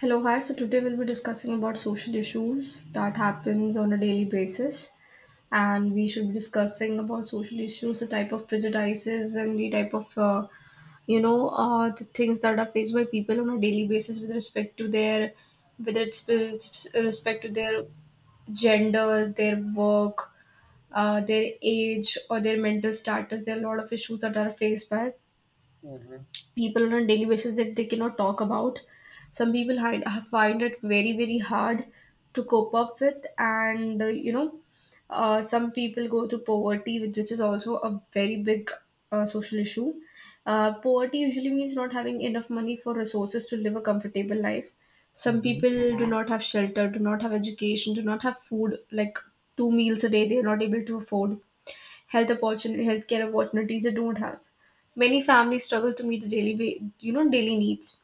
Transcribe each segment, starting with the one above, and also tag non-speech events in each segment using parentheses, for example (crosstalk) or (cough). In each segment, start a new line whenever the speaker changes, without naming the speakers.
Hello, hi. So today we'll be discussing about social issues that happens on a daily basis, and we should be discussing about social issues, the type of prejudices, and the type of the things that are faced by people on a daily basis with respect to their, whether it's with respect to their gender, their work, their age, or their mental status. There are a lot of issues that are faced by
Mhm.
people on a daily basis that they cannot talk about. Some find it very, very hard to cope up with, and some people go through poverty, which is also a very big social issue. Poverty usually means not having enough money for resources to live a comfortable life. Some
Mhm.
people do not have shelter, do not have education, do not have food, like two meals a day, they are not able to afford health opportunity, healthcare opportunities they don't have. Many families struggle to meet the daily, wa- you know, daily needs.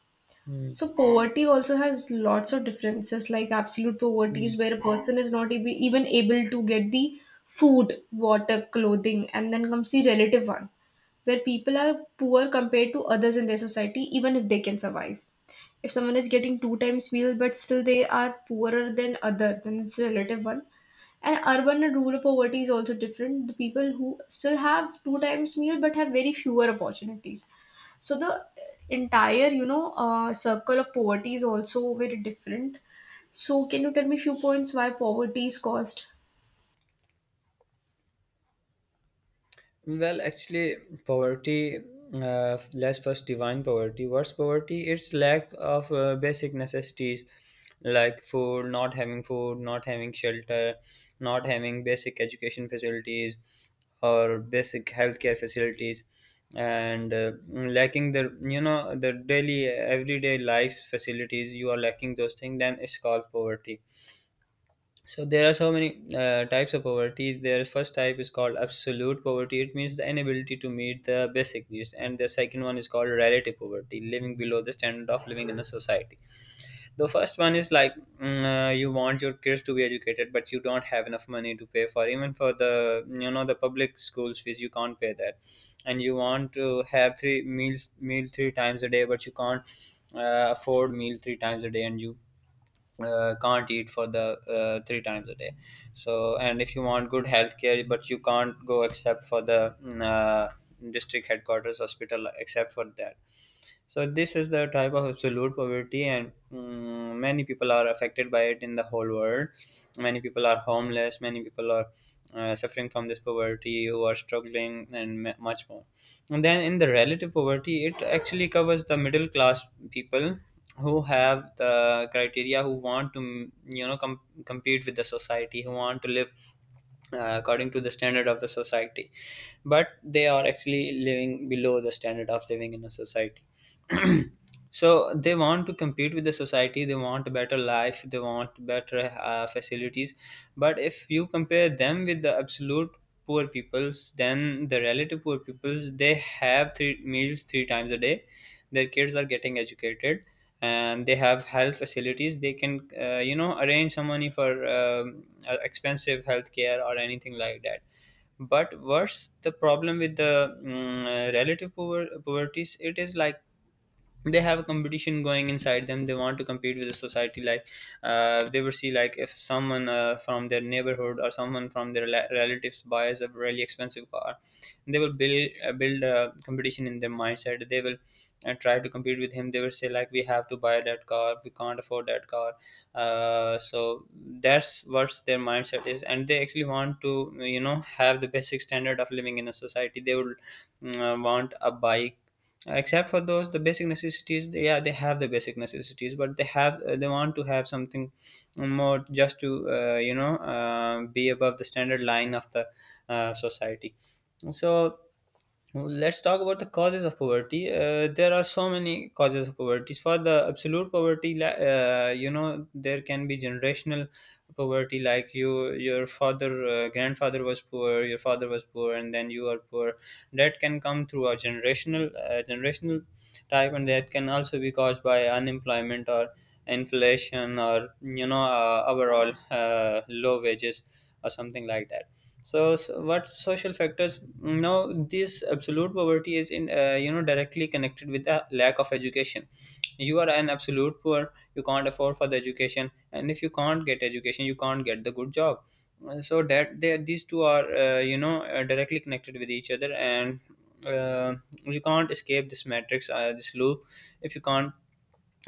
Mm.
So poverty also has lots of differences, like absolute poverty
Mm.
is where a person is not ab- even able to get the food, water, clothing, and then comes the relative one, where people are poor compared to others in their society, even if they can survive. If someone is getting two times meal but still they are poorer than other, then it's relative one, and urban and rural poverty is also different. The people who still have two times meal but have very fewer opportunities. So the entire, circle of poverty is also very different. So can you tell me few points why poverty is caused?
Well, actually, poverty, let's first define poverty. What's poverty? It's lack of basic necessities like food, not having shelter, not having basic education facilities or basic healthcare facilities, and lacking the daily, everyday life facilities. You are lacking those things, then it's called poverty. So there are so many types of poverty. Their first type is called absolute poverty. It means the inability to meet the basic needs, and the second one is called relative poverty, living below the standard of living in the society. The first one is like, you want your kids to be educated, but you don't have enough money to pay for, even for the public schools fees. You can't pay that, and you want to have three meals meal three times a day, but you can't afford meal three times a day, and you can't eat for the three times a day. So, and if you want good healthcare but you can't go except for the district headquarters hospital, except for that. So this is the type of absolute poverty, and many people are affected by it in the whole world. Many people are homeless. Many people are suffering from this poverty, who are struggling, and much more. And then in the relative poverty, it actually covers the middle class people who have the criteria, who want to compete with the society, who want to live according to the standard of the society, but they are actually living below the standard of living in a society. (clears throat) So they want to compete with the society. They want a better life. They want better facilities. But if you compare them with the absolute poor peoples, then the relative poor peoples, they have three meals three times a day. Their kids are getting educated, and they have health facilities. They can arrange some money for expensive health care or anything like that. But worse, the problem with the relative poverties, it is like, they have a competition going inside them. They want to compete with the society. Like, they will see, like, if someone from their neighborhood or someone from their relatives buys a really expensive car, they will build a competition in their mindset. They will try to compete with him. They will say, like, we have to buy that car, we can't afford that car. So that's what their mindset is. And they actually want to, have the basic standard of living in a society. They would want a bike. Except for those, the basic necessities, yeah, they have the basic necessities, but they want to have something more, just to be above the standard line of the society. So, let's talk about the causes of poverty. There are so many causes of poverty. For the absolute poverty, there can be generational poverty. Like, you, your father, grandfather was poor, your father was poor, and then you are poor. That can come through a generational, type, and that can also be caused by unemployment or inflation, or overall low wages, or something like that. So what social factors? Now, this absolute poverty is in, directly connected with the lack of education. You are an absolute poor. You can't afford for the education, and if you can't get education, you can't get the good job. So these two are, directly connected with each other, and uh, you can't escape this matrix, this loop, if you can't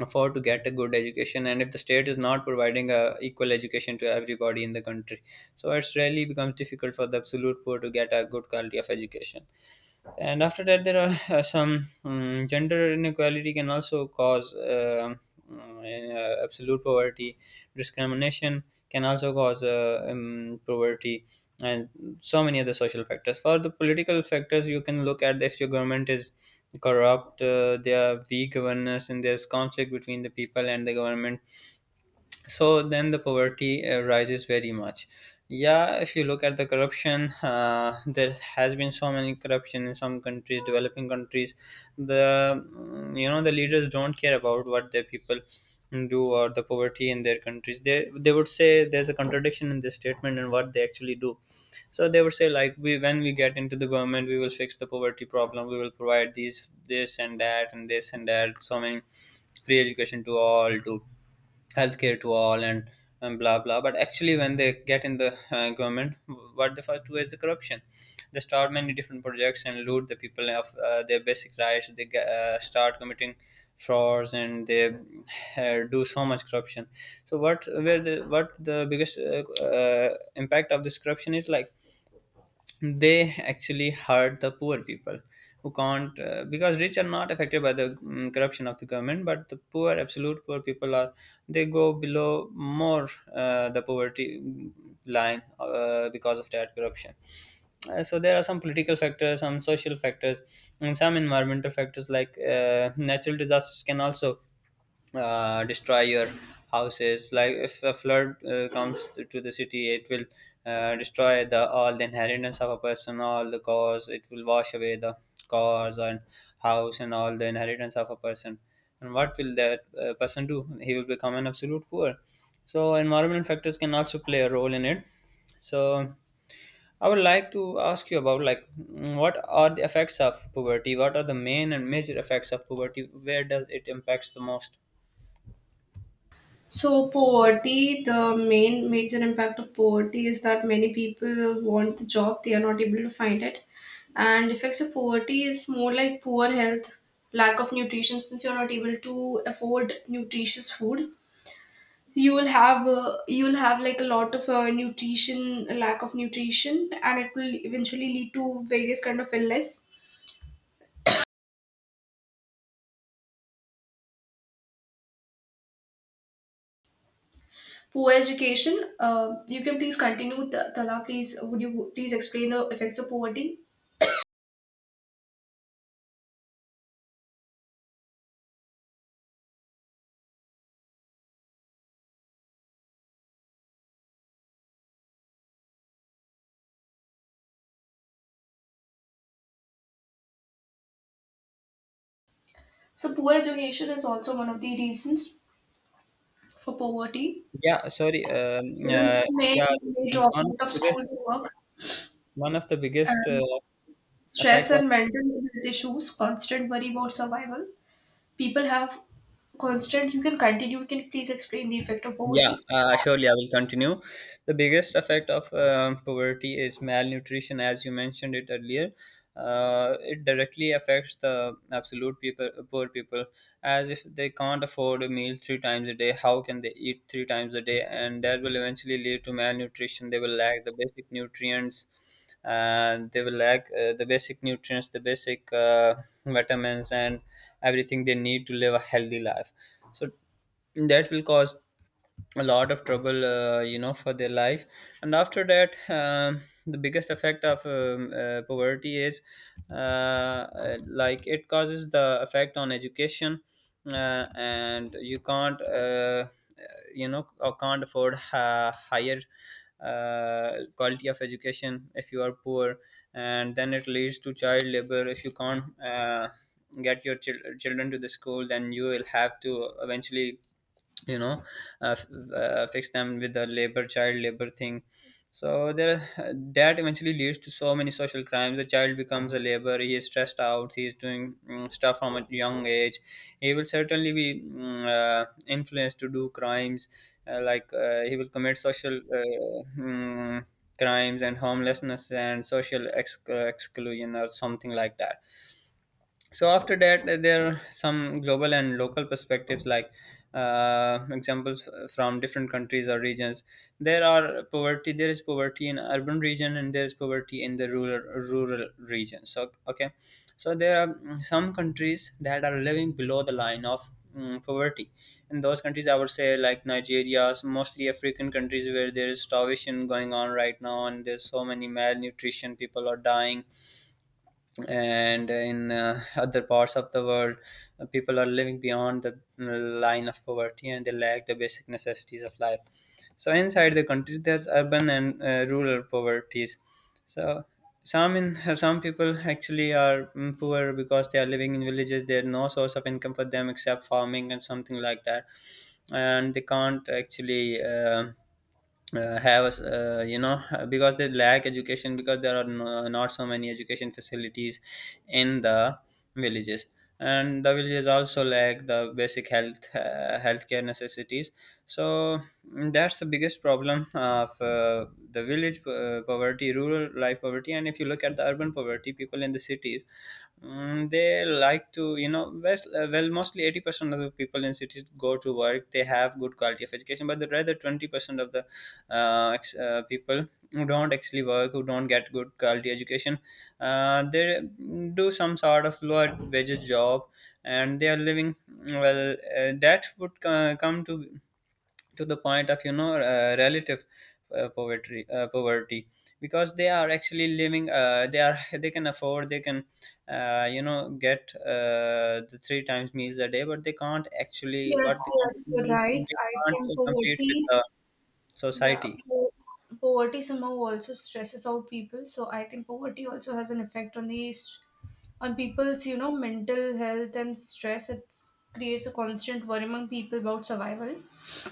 afford to get a good education, and if the state is not providing a equal education to everybody in the country. So it's really becomes difficult for the absolute poor to get a good quality of education. And after that, there are (laughs) some gender inequality can also cause absolute poverty. Discrimination can also cause poverty, and so many other social factors. For the political factors, you can look at, if your government is corrupt, there are weak governance and there's conflict between the people and the government, so then the poverty rises very much. Yeah, if you look at the corruption, there has been so many corruption in some countries, developing countries. The the leaders don't care about what their people do, or the poverty in their countries. They would say, there's a contradiction in this statement and what they actually do. So they would say, like, we when we get into the government, we will fix the poverty problem. We will provide these, this and that and this and that, so many, free education to all, to healthcare to all, and blah blah. But actually, when they get in the government, what they first do is the corruption. They start many different projects and loot the people of their basic rights. They start committing frauds, and they do so much corruption. So what where the what the biggest impact of this corruption is, like, they actually hurt the poor people, who can't because rich are not affected by the corruption of the government, but the poor absolute poor people are. They go below more, the poverty line, because of that corruption. So there are some political factors, some social factors, and some environmental factors. Like, natural disasters can also destroy your houses. Like, if a flood comes to the city, it will destroy the all the inheritance of a person, all the cars. It will wash away the cars and house and all the inheritance of a person. And what will that person do? He will become an absolute poor. So environmental factors can also play a role in it. So I would like to ask you about, like, what are the effects of poverty? What are the main and major effects of poverty? Where does it impacts the most?
So, poverty, the main major impact of poverty is that many people want the job, they are not able to find it. And effects of poverty is more like poor health, lack of nutrition, since you're not able to afford nutritious food, you will have like a lot of nutrition lack of nutrition, and it will eventually lead to various kind of illness. Poor education, you can please continue with tala, please, would you please explain the effects of poverty. So poor education is also one of the reasons for poverty.
Yeah, sorry.
Children
Yeah,
may drop
one of
out
the
of school
biggest
to work,
one of the biggest
and stress
effect.
and mental health issues, constant worry about survival, people have constant. You can continue, you can please explain the effect of
Yeah,
poverty.
surely I will continue. The biggest effect of poverty is malnutrition, as you mentioned it earlier. It directly affects the absolute people, poor people, as if they can't afford a meal three times a day. How can they eat three times a day? And that will eventually lead to malnutrition. They will lack the basic nutrients, and they will lack the basic nutrients, the basic vitamins, and everything they need to live a healthy life. So that will cause a lot of trouble, for their life. And after that, the biggest effect of poverty is, like, it causes the effect on education. And you can't, uh, or can't afford higher quality of education if you are poor. And then it leads to child labor. If you can't get your children to the school, then you will have to, eventually, you know uh, f- fix them with the labor child labor thing. So there that eventually leads to so many social crimes. The child becomes a laborer. He is stressed out. He is doing, stuff from a young age. He will certainly be influenced to do crimes. Like, he will commit social, crimes and homelessness and social exclusion, or something like that. So after that, there are some global and local perspectives, like, examples from different countries or regions. There is poverty in urban region, and there is poverty in the rural region. So, okay. So there are, some countries that are living below the line of, poverty. In those countries, I would say, like, Nigeria, mostly African countries where there is starvation going on right now, and there's so many malnutrition, people are dying. And in other parts of the world, people are living beyond the line of poverty, and they lack the basic necessities of life. So inside the countries, there's urban and rural poverties. So some in (laughs) some people actually are poor, because they are living in villages. There's no source of income for them except farming and something like that. And they can't actually, have, because they lack education, because there are, not so many education facilities in the villages. And the villages also lack the basic Healthcare necessities. So that's the biggest problem of the village poverty, rural life poverty. And if you look at the urban poverty, people in the cities. They like to, mostly 80% of the people in cities go to work. They have good quality of education, but the rather 20% of the people who don't actually work, who don't get good quality education, they do some sort of lower wages job. And they are living, that would come to the point of relative poverty, poverty. Because they are actually living, they are (laughs) they can afford, they can, get the three times meals a day, but they can't actually,
Yes,
what they
yes,
can't,
you're
do,
right.
they
I
can't
think
uh, compete with
poverty,
the
yeah,
society.
po poverty somehow also stresses out people. So I think poverty also has an effect on on people's, you know, mental health and stress. It creates a constant worry among people about survival.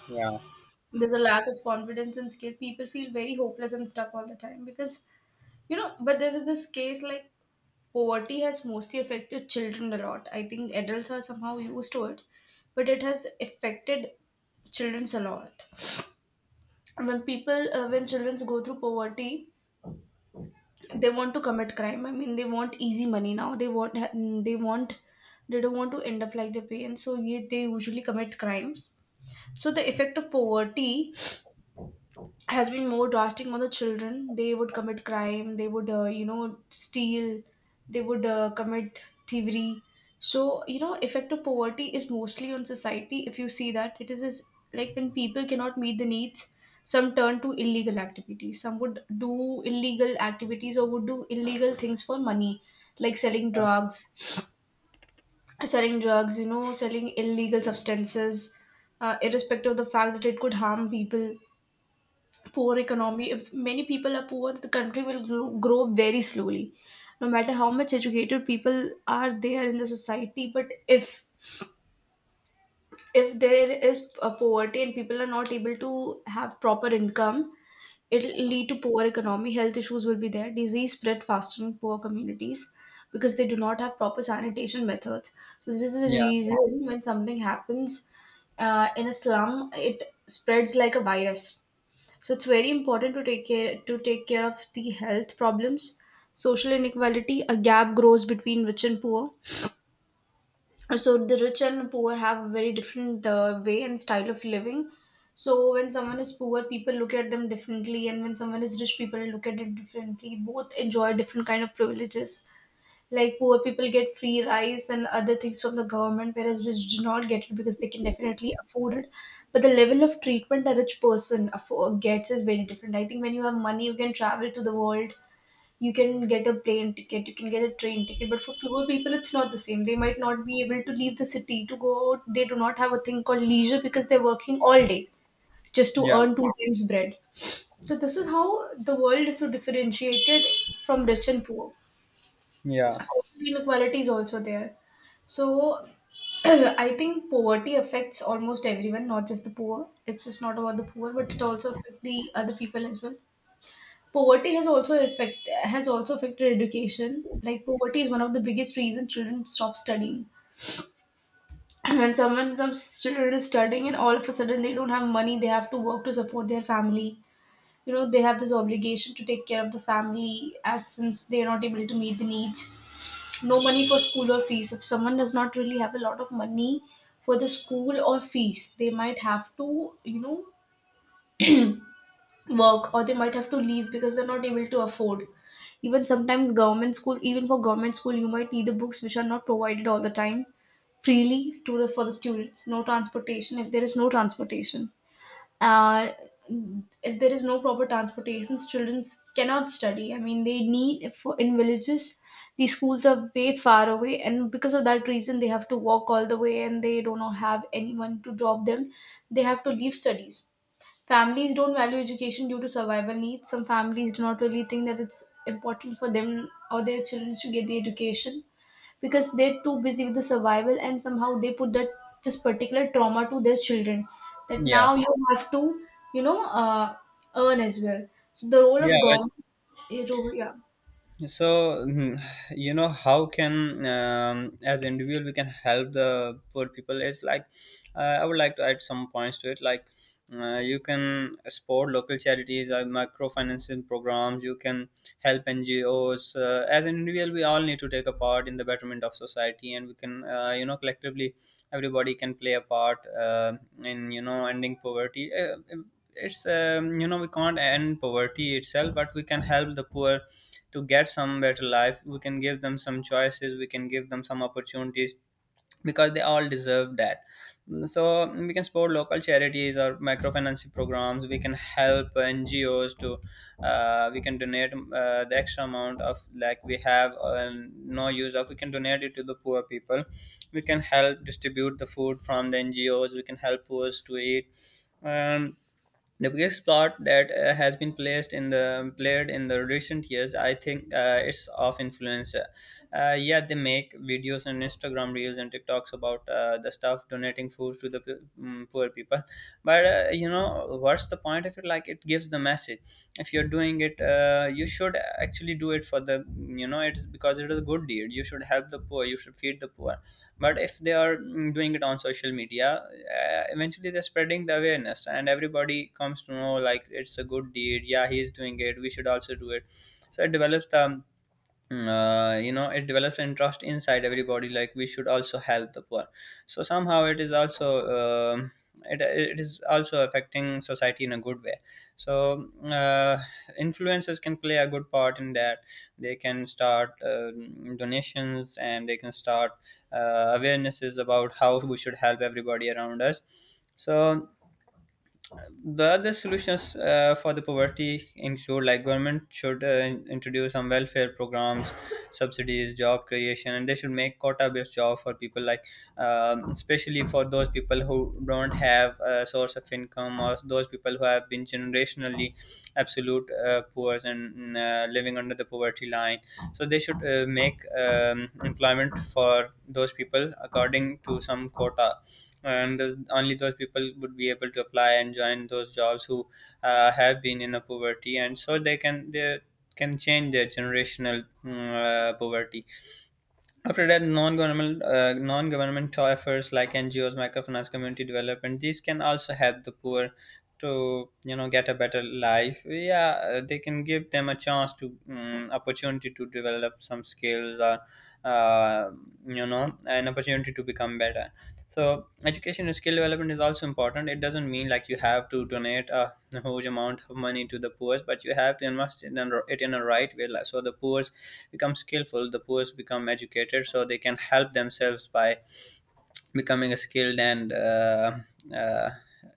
Yeah,
There's a lack of confidence and skill. People feel very hopeless and stuck all the time because, you know, but there's this case like poverty has mostly affected children a lot. I think adults are somehow used to it, but it has affected children a lot. When people when children go through poverty, they want to commit crime. I mean, they want easy money now, they want, they don't want to end up like their parents, so ye, they usually commit crimes. So the effect of poverty has been more drastic on the children. They would commit crime, they would, you know, steal, they would commit thievery. So, you know, effective poverty is mostly on society. If you see that, it is this, like when people cannot meet the needs, some turn to illegal activities. Some would do illegal activities or would do illegal things for money, like selling drugs, you know, selling illegal substances, irrespective of the fact that it could harm people. Poor economy: if many people are poor, the country will grow very slowly, no matter how much educated people are there in the society. But if there is a poverty and people are not able to have proper income, it'll lead to poor economy. Health issues will be there, disease spread faster in poor communities because they do not have proper sanitation methods. So this is the
yeah,
reason, when something happens in a slum, it spreads like a virus. So it's very important to take care of the health problems. Social inequality: a gap grows between rich and poor. So the rich and poor have a very different way and style of living. So when someone is poor, people look at them differently, and when someone is rich, people look at it differently. Both enjoy different kind of privileges. Like poor people get free rice and other things from the government, whereas rich do not get it because they can definitely afford it. But the level of treatment a gets is very different. I think when you have money, you can travel to the world, you can get a plane ticket, you can get a train ticket. But for poor people, it's not the same. They might not be able to leave the city to go out. They do not have a thing called leisure because they're working all day just to
yeah,
earn two times bread. So this is how the world is so differentiated from rich and poor.
yeah,
Social inequality is also there. So (clears throat) I think poverty affects almost everyone, not just the poor. It's just not about the poor, but it Mhm. also affects the other people as well. Poverty has also affected education. Like poverty is one of the biggest reasons children stop studying. (clears throat) When some children is studying and all of a sudden they don't have money, they have to work to support their family. You know, they have this obligation to take care of the family, as since they are not able to meet the needs. No money for school or fees: if someone does not really have a lot of money for the school or fees, they might have to, you know, work, or they might have to leave because they're not able to afford. Even sometimes government school, even for government school, you might need the books, which are not provided all the time freely to the for the students. No transportation: if there is no transportation, uh, if there is no proper transportation, children cannot study. I mean, they need for in villages, the schools are way far away, and because of that reason, they have to walk all the way, and they do not have anyone to drop them. They have to leave studies. Families don't value education due to survival needs. Some families do not really think that it's important for them or their children to get the education because they're too busy with the survival, and somehow they put that this particular trauma to their children, that
yeah,
now you have to, you know, earn as well. So the role
yeah.
of government, yeah.
So (sighs) you know, how can as individual we can help the poor people is like, I would like to add some points to it, like you can support local charities or microfinancing programs. You can help NGOs. As an individual, we all need to take a part in the betterment of society, and we can, you know, collectively everybody can play a part in, you know, ending poverty. It's you know we can't end poverty itself, but we can help the poor to get some better life. We can give them some choices, we can give them some opportunities, because they all deserve that. So we can support local charities or microfinancing programs. We can help NGOs to, we can donate the extra amount of, like, we have no use of, we can donate it to the poor people. We can help distribute the food from the NGOs. We can help poor to eat. um, the biggest plot that has been placed in the played in the recent years, I think, it's of influencer. Yeah, they make videos on Instagram Reels and TikToks about the stuff donating food to the poor people. But you know, what's the point of it? Like, it gives the message. If you're doing it, you should actually do it for the, you know, it's because it is a good deed, you should help the poor, you should feed the poor. But if they are doing it on social media, eventually they're spreading the awareness, and everybody comes to know, like, it's a good deed, yeah, he's doing it, we should also do it. So it develops the it develops interest inside everybody, like we should also help the poor. So somehow it is also, um it, it is also affecting society in a good way. So influencers can play a good part in that. They can start donations, and they can start awarenesses about how we should help everybody around us. So the other solutions for the poverty include, like, government should introduce some welfare programs, (laughs) subsidies, job creation, and they should make quota based job for people, like especially for those people who don't have a source of income, or those people who have been generationally absolute poor and living under the poverty line. So they should make employment for those people according to some quota. And those, only those people would be able to apply and join those jobs who have been in a poverty, and so they can change their generational poverty. After that, non-governmental non-governmental efforts like NGOs, microfinance, community development, these can also help the poor to, you know, get a better life. Yeah, they can give them a chance to opportunity to develop some skills, or uh, you know an opportunity to become better. So education and skill development is also important. It doesn't mean like you have to donate a huge amount of money to the poor, but you have to invest in it in a right way. So the poor become skillful, the poor become educated, so they can help themselves by becoming a skilled and uh,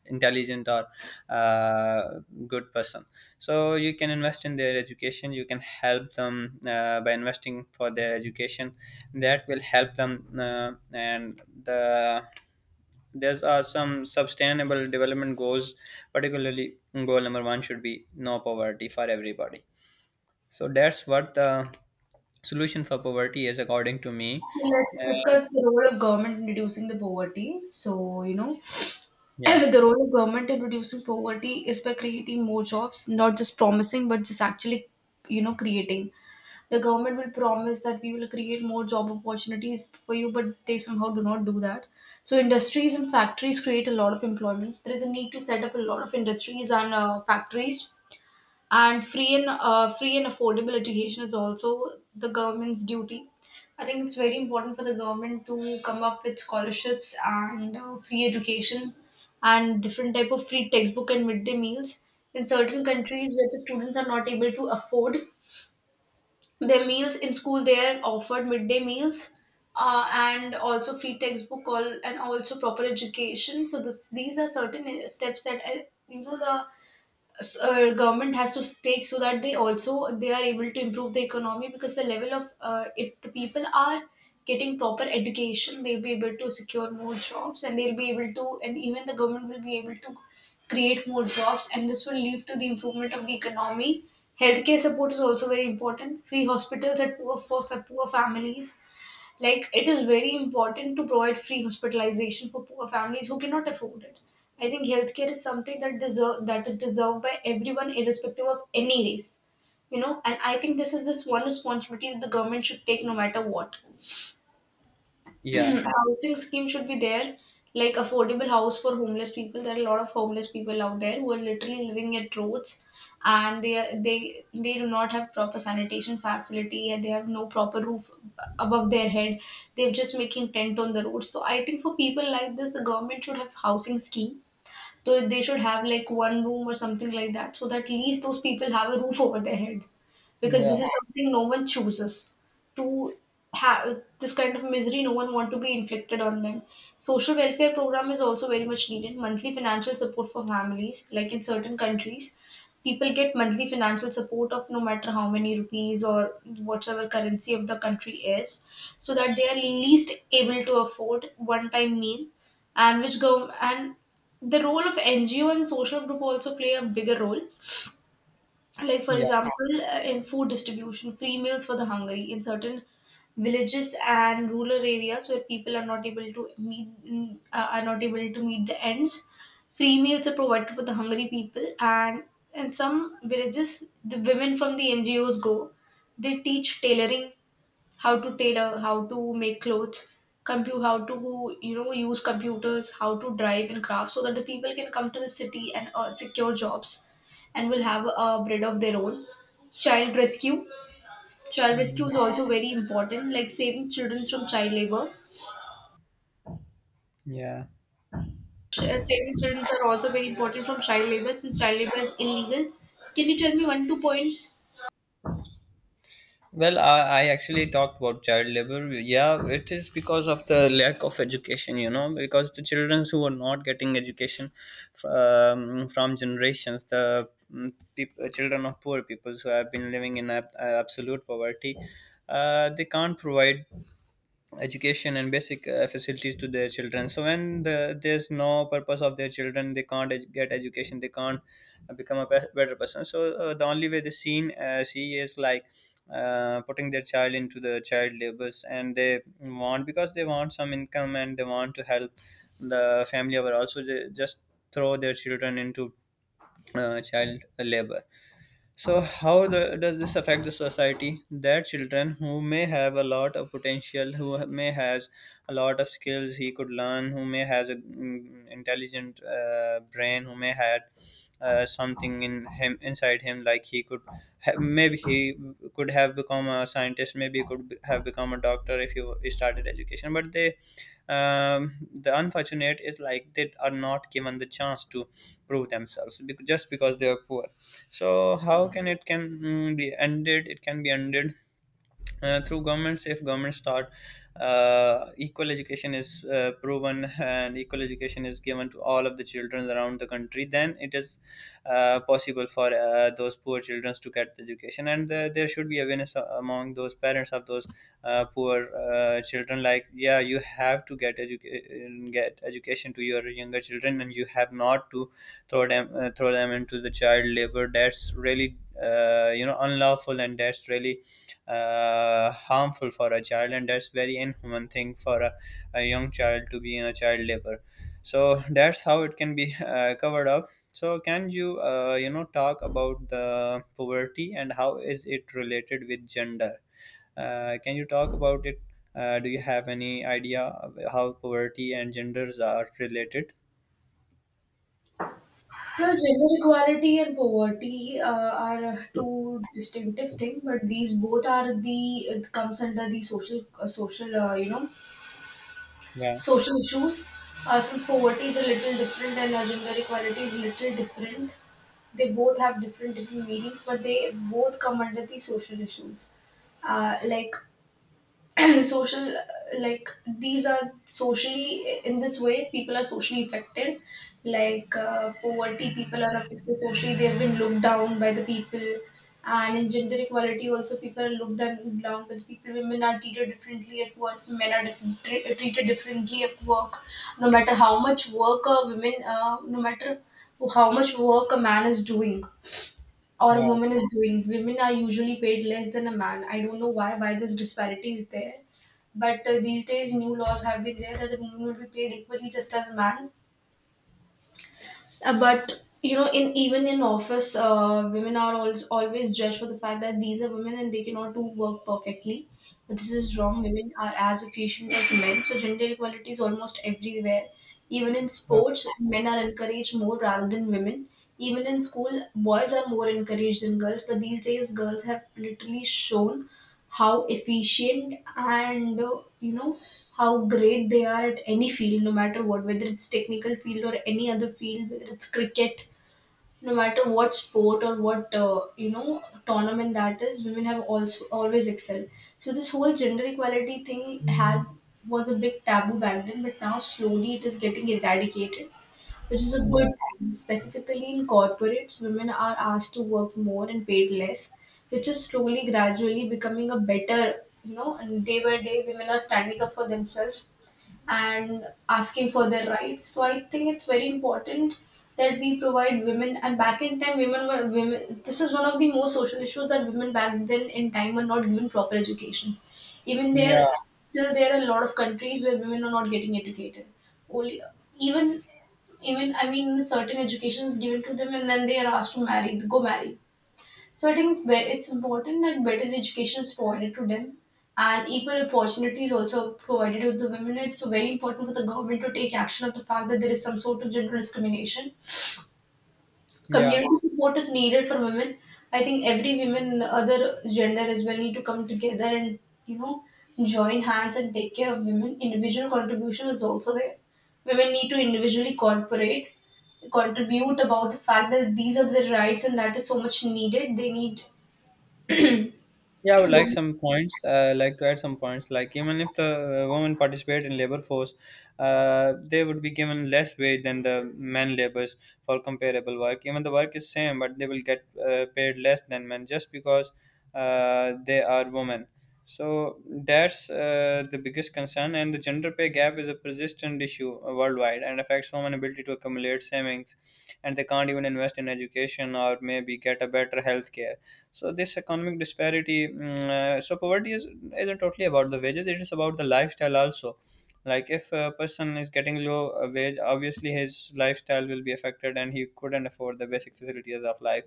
intelligent or uh, good person. So you can invest in their education. You can help them by investing for their education. That will help them, and there's are some sustainable development goals, particularly goal number one should be no poverty for everybody. So that's what the solution for poverty is, according to me.
Let's
Uh,
discuss the role of government in reducing the poverty. So, you know,
yeah,
(clears throat) the role of government in reducing poverty is by creating more jobs, not just promising, but just actually, you know, creating. The government will promise that we will create more job opportunities for you, but they somehow do not do that. So industries and factories create a lot of employments. There is a need to set up a lot of industries and factories, and free and affordable education is also the government's duty. I think it's very important for the government to come up with scholarships and free education and different type of free textbook and midday meals. In certain countries where the students are not able to afford their meals in school, they are offered midday meals and also free textbook all and also proper education. So this these are certain steps that I, you know the s- government has to take so that they are able to improve the economy. Because the level of if the people are getting proper education, they'll be able to secure more jobs, and they'll be able to and even the government will be able to create more jobs, and this will lead to the improvement of the economy. Healthcare support is also very important. Free hospitals at poor for poor families. Like, it is very important to provide free hospitalization for poor families who cannot afford it. I think healthcare is something that deserve that is deserved by everyone irrespective of any race, you know. And I think this is this one responsibility that the government should take no matter what. (clears throat)
yeah,
Housing scheme should be there, like affordable house for homeless people. There are a lot of homeless people out there who are literally living at roads, and they do not have proper sanitation facility, and they have no proper roof above their head. They're just making tent on the road. So I think for people like this, the government should have housing scheme, so they should have like one room or something like that, so that at least those people have a roof over their head, because this
yeah,
is something no one chooses to have. This kind of misery no one want to be inflicted on them. Social welfare program is also very much needed. Monthly financial support for families, like in certain countries, people get monthly financial support of no matter how many rupees or whatever currency of the country is, so that they are least able to afford one time meal. And which go and the role of NGO and social group also play a bigger role. Like for
yeah,
example, in food distribution, free meals for the hungry in certain villages and rural areas where people are not able to meet, are not able to meet the ends, free meals are provided for the hungry people. And in some villages, the women from the NGOs go, they teach tailoring, how to tailor, how to make clothes, compute, how to, you know, use computers, how to drive and craft, so that the people can come to the city and secure jobs, and will have a bread of their own. Child rescue,
mm,
is also very important, like saving children from child labor.
yeah.
Saving children are also very important from child labor since child labor is illegal. Can you tell me one two points?
Well, I actually talked about child labor. Yeah, it is because of the lack of education, you know, because the children who are not getting education, from generations, the children of poor people who have been living in absolute poverty, they can't provide education and basic facilities to their children. So when the, there's no purpose of their children, they can't get education, they can't become a better person. So the only way they see is like putting their child into the child labors. And they want, because they want some income and they want to help the family over, also they just throw their children into child labor. So how the, does this affect the society? That children who may have a lot of potential, who may has a lot of skills he could learn, who may has a intelligent brain, who may had something in him, inside him, like he could maybe he could have become a scientist, maybe he could have become a doctor if he started education. But they, the unfortunate is like they are not given the chance to prove themselves, just because they are poor. So how can it can, be ended, it can be ended through governments. If governments start equal education is proven and equal education is given to all of the children around the country, then it is possible for those poor children to get the education. And there should be awareness among those parents of those poor children, like, yeah, you have to get education, get education to your younger children, and you have not to throw them into the child labor. That's really you know, unlawful, and that's really harmful for a child, and that's very inhuman thing for a young child to be in a child labor. So that's how it can be (laughs) covered up. So can you, you know, talk about the poverty and how is it related with gender? Can you talk about it? Do you have any idea of how poverty and genders are related?
Well, gender equality and poverty are two distinctive thing, but these both are the it comes under the social
Yeah,
social issues. Since poverty is a little different and gender equality is little different, they both have different different meanings, but they both come under the social issues. Uh, like (clears throat) social like these are socially, in this way people are socially affected. Like, poverty, people are affected socially, they've been looked down by the people. And in gender equality also, people are looked down by the people. Women are treated differently at work, men are treated differently at work. No matter how much work a women no matter how much work a man is doing or a
yeah,
woman is doing, women are usually paid less than a man. I don't know why this disparity is there, but these days new laws have been there that a woman will be paid equally just as a man. But you know, in even in office, women are always judged for the fact that these are women and they cannot do work perfectly. But this is wrong. Women are as efficient as men, so gender equality is almost everywhere. Even in
yeah,
sports, men are encouraged more rather than women. Even in school, boys are more encouraged than girls. But these days, girls have literally shown how efficient and, how great they are at any field, no matter what, whether it's technical field or any other field, whether it's cricket, no matter what sport or what, tournament that is, women have also always excelled. So this whole gender equality thing has was a big taboo back then, but now slowly it is getting eradicated, which is a
yeah,
good thing. Specifically in corporates, women are asked to work more and paid less, which is slowly, gradually becoming a better, you know. And day by day, women are standing up for themselves and asking for their rights. So I think it's very important that we provide women. And back in time, women were women. This is one of the most social issues, that women back then in time were not given proper education. Even there,
yeah,
still there are a lot of countries where women are not getting educated. Only even even, I mean, certain education is given to them, and then they are asked to marry, go marry. So I think it's, it's important that better education is provided to them, and equal opportunities also provided to the women. It's very important for the government to take action of the fact that there is some sort of gender discrimination.
yeah.
Community support is needed for women. I think every women, other gender as well, need to come together and, you know, join hands and take care of women. Individual contribution is also there. Women need to individually cooperate, contribute about the fact that these are their rights and that is so much needed. They need (clears throat)
Yeah, I would like some points. Like to add some points. Like, even if the women participate in labor force, they would be given less wage than the men laborers for comparable work. Even the work is same, but they will get paid less than men just because they are women. So that's the biggest concern, and the gender pay gap is a persistent issue worldwide, and affects women's ability to accumulate savings, and they can't even invest in education or maybe get a better health care. So this economic disparity, so poverty is isn't totally about the wages. It is about the lifestyle also. Like, if a person is getting low wage, obviously his lifestyle will be affected, and he couldn't afford the basic facilities of life.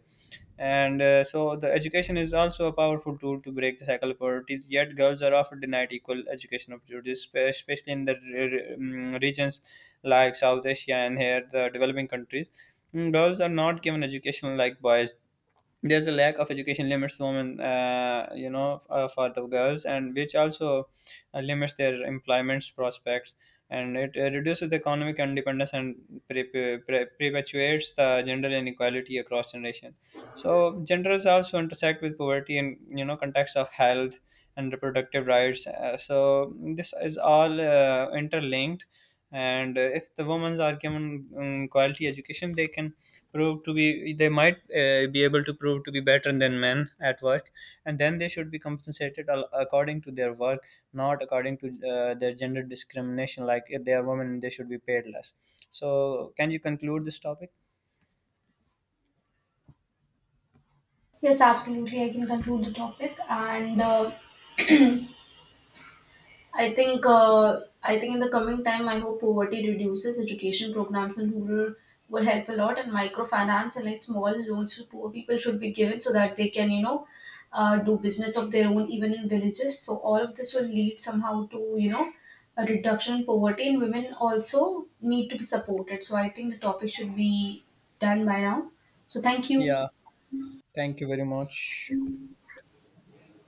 And so the education is also a powerful tool to break the cycle of poverty. Yet girls are often denied equal education opportunities, especially in the regions like South Asia and here the developing countries. Girls are not given education like boys. There's a lack of education limits women, you know, for the girls, and which also limits their employment prospects, and it reduces the economic independence and perpetuates the gender inequality across generation. So genders also intersect with poverty and, you know, context of health and reproductive rights. So this is all interlinked, and if the women are given quality education, they can prove to be they might be able to prove to be better than men at work, and then they should be compensated according to their work, not according to their gender discrimination. Like if they are women, they should be paid less. So can you conclude this topic?
Yes, absolutely. I can conclude the topic, and (clears throat) I I think in the coming time, I hope poverty reduces. Education programs in rural will help a lot, and microfinance and like small loans to poor people should be given, so that they can, you know, do business of their own even in villages. So all of this will lead somehow to, you know, a reduction in poverty, and women also need to be supported. So I think the topic should be done by now. So thank you.
Yeah. Thank you very much.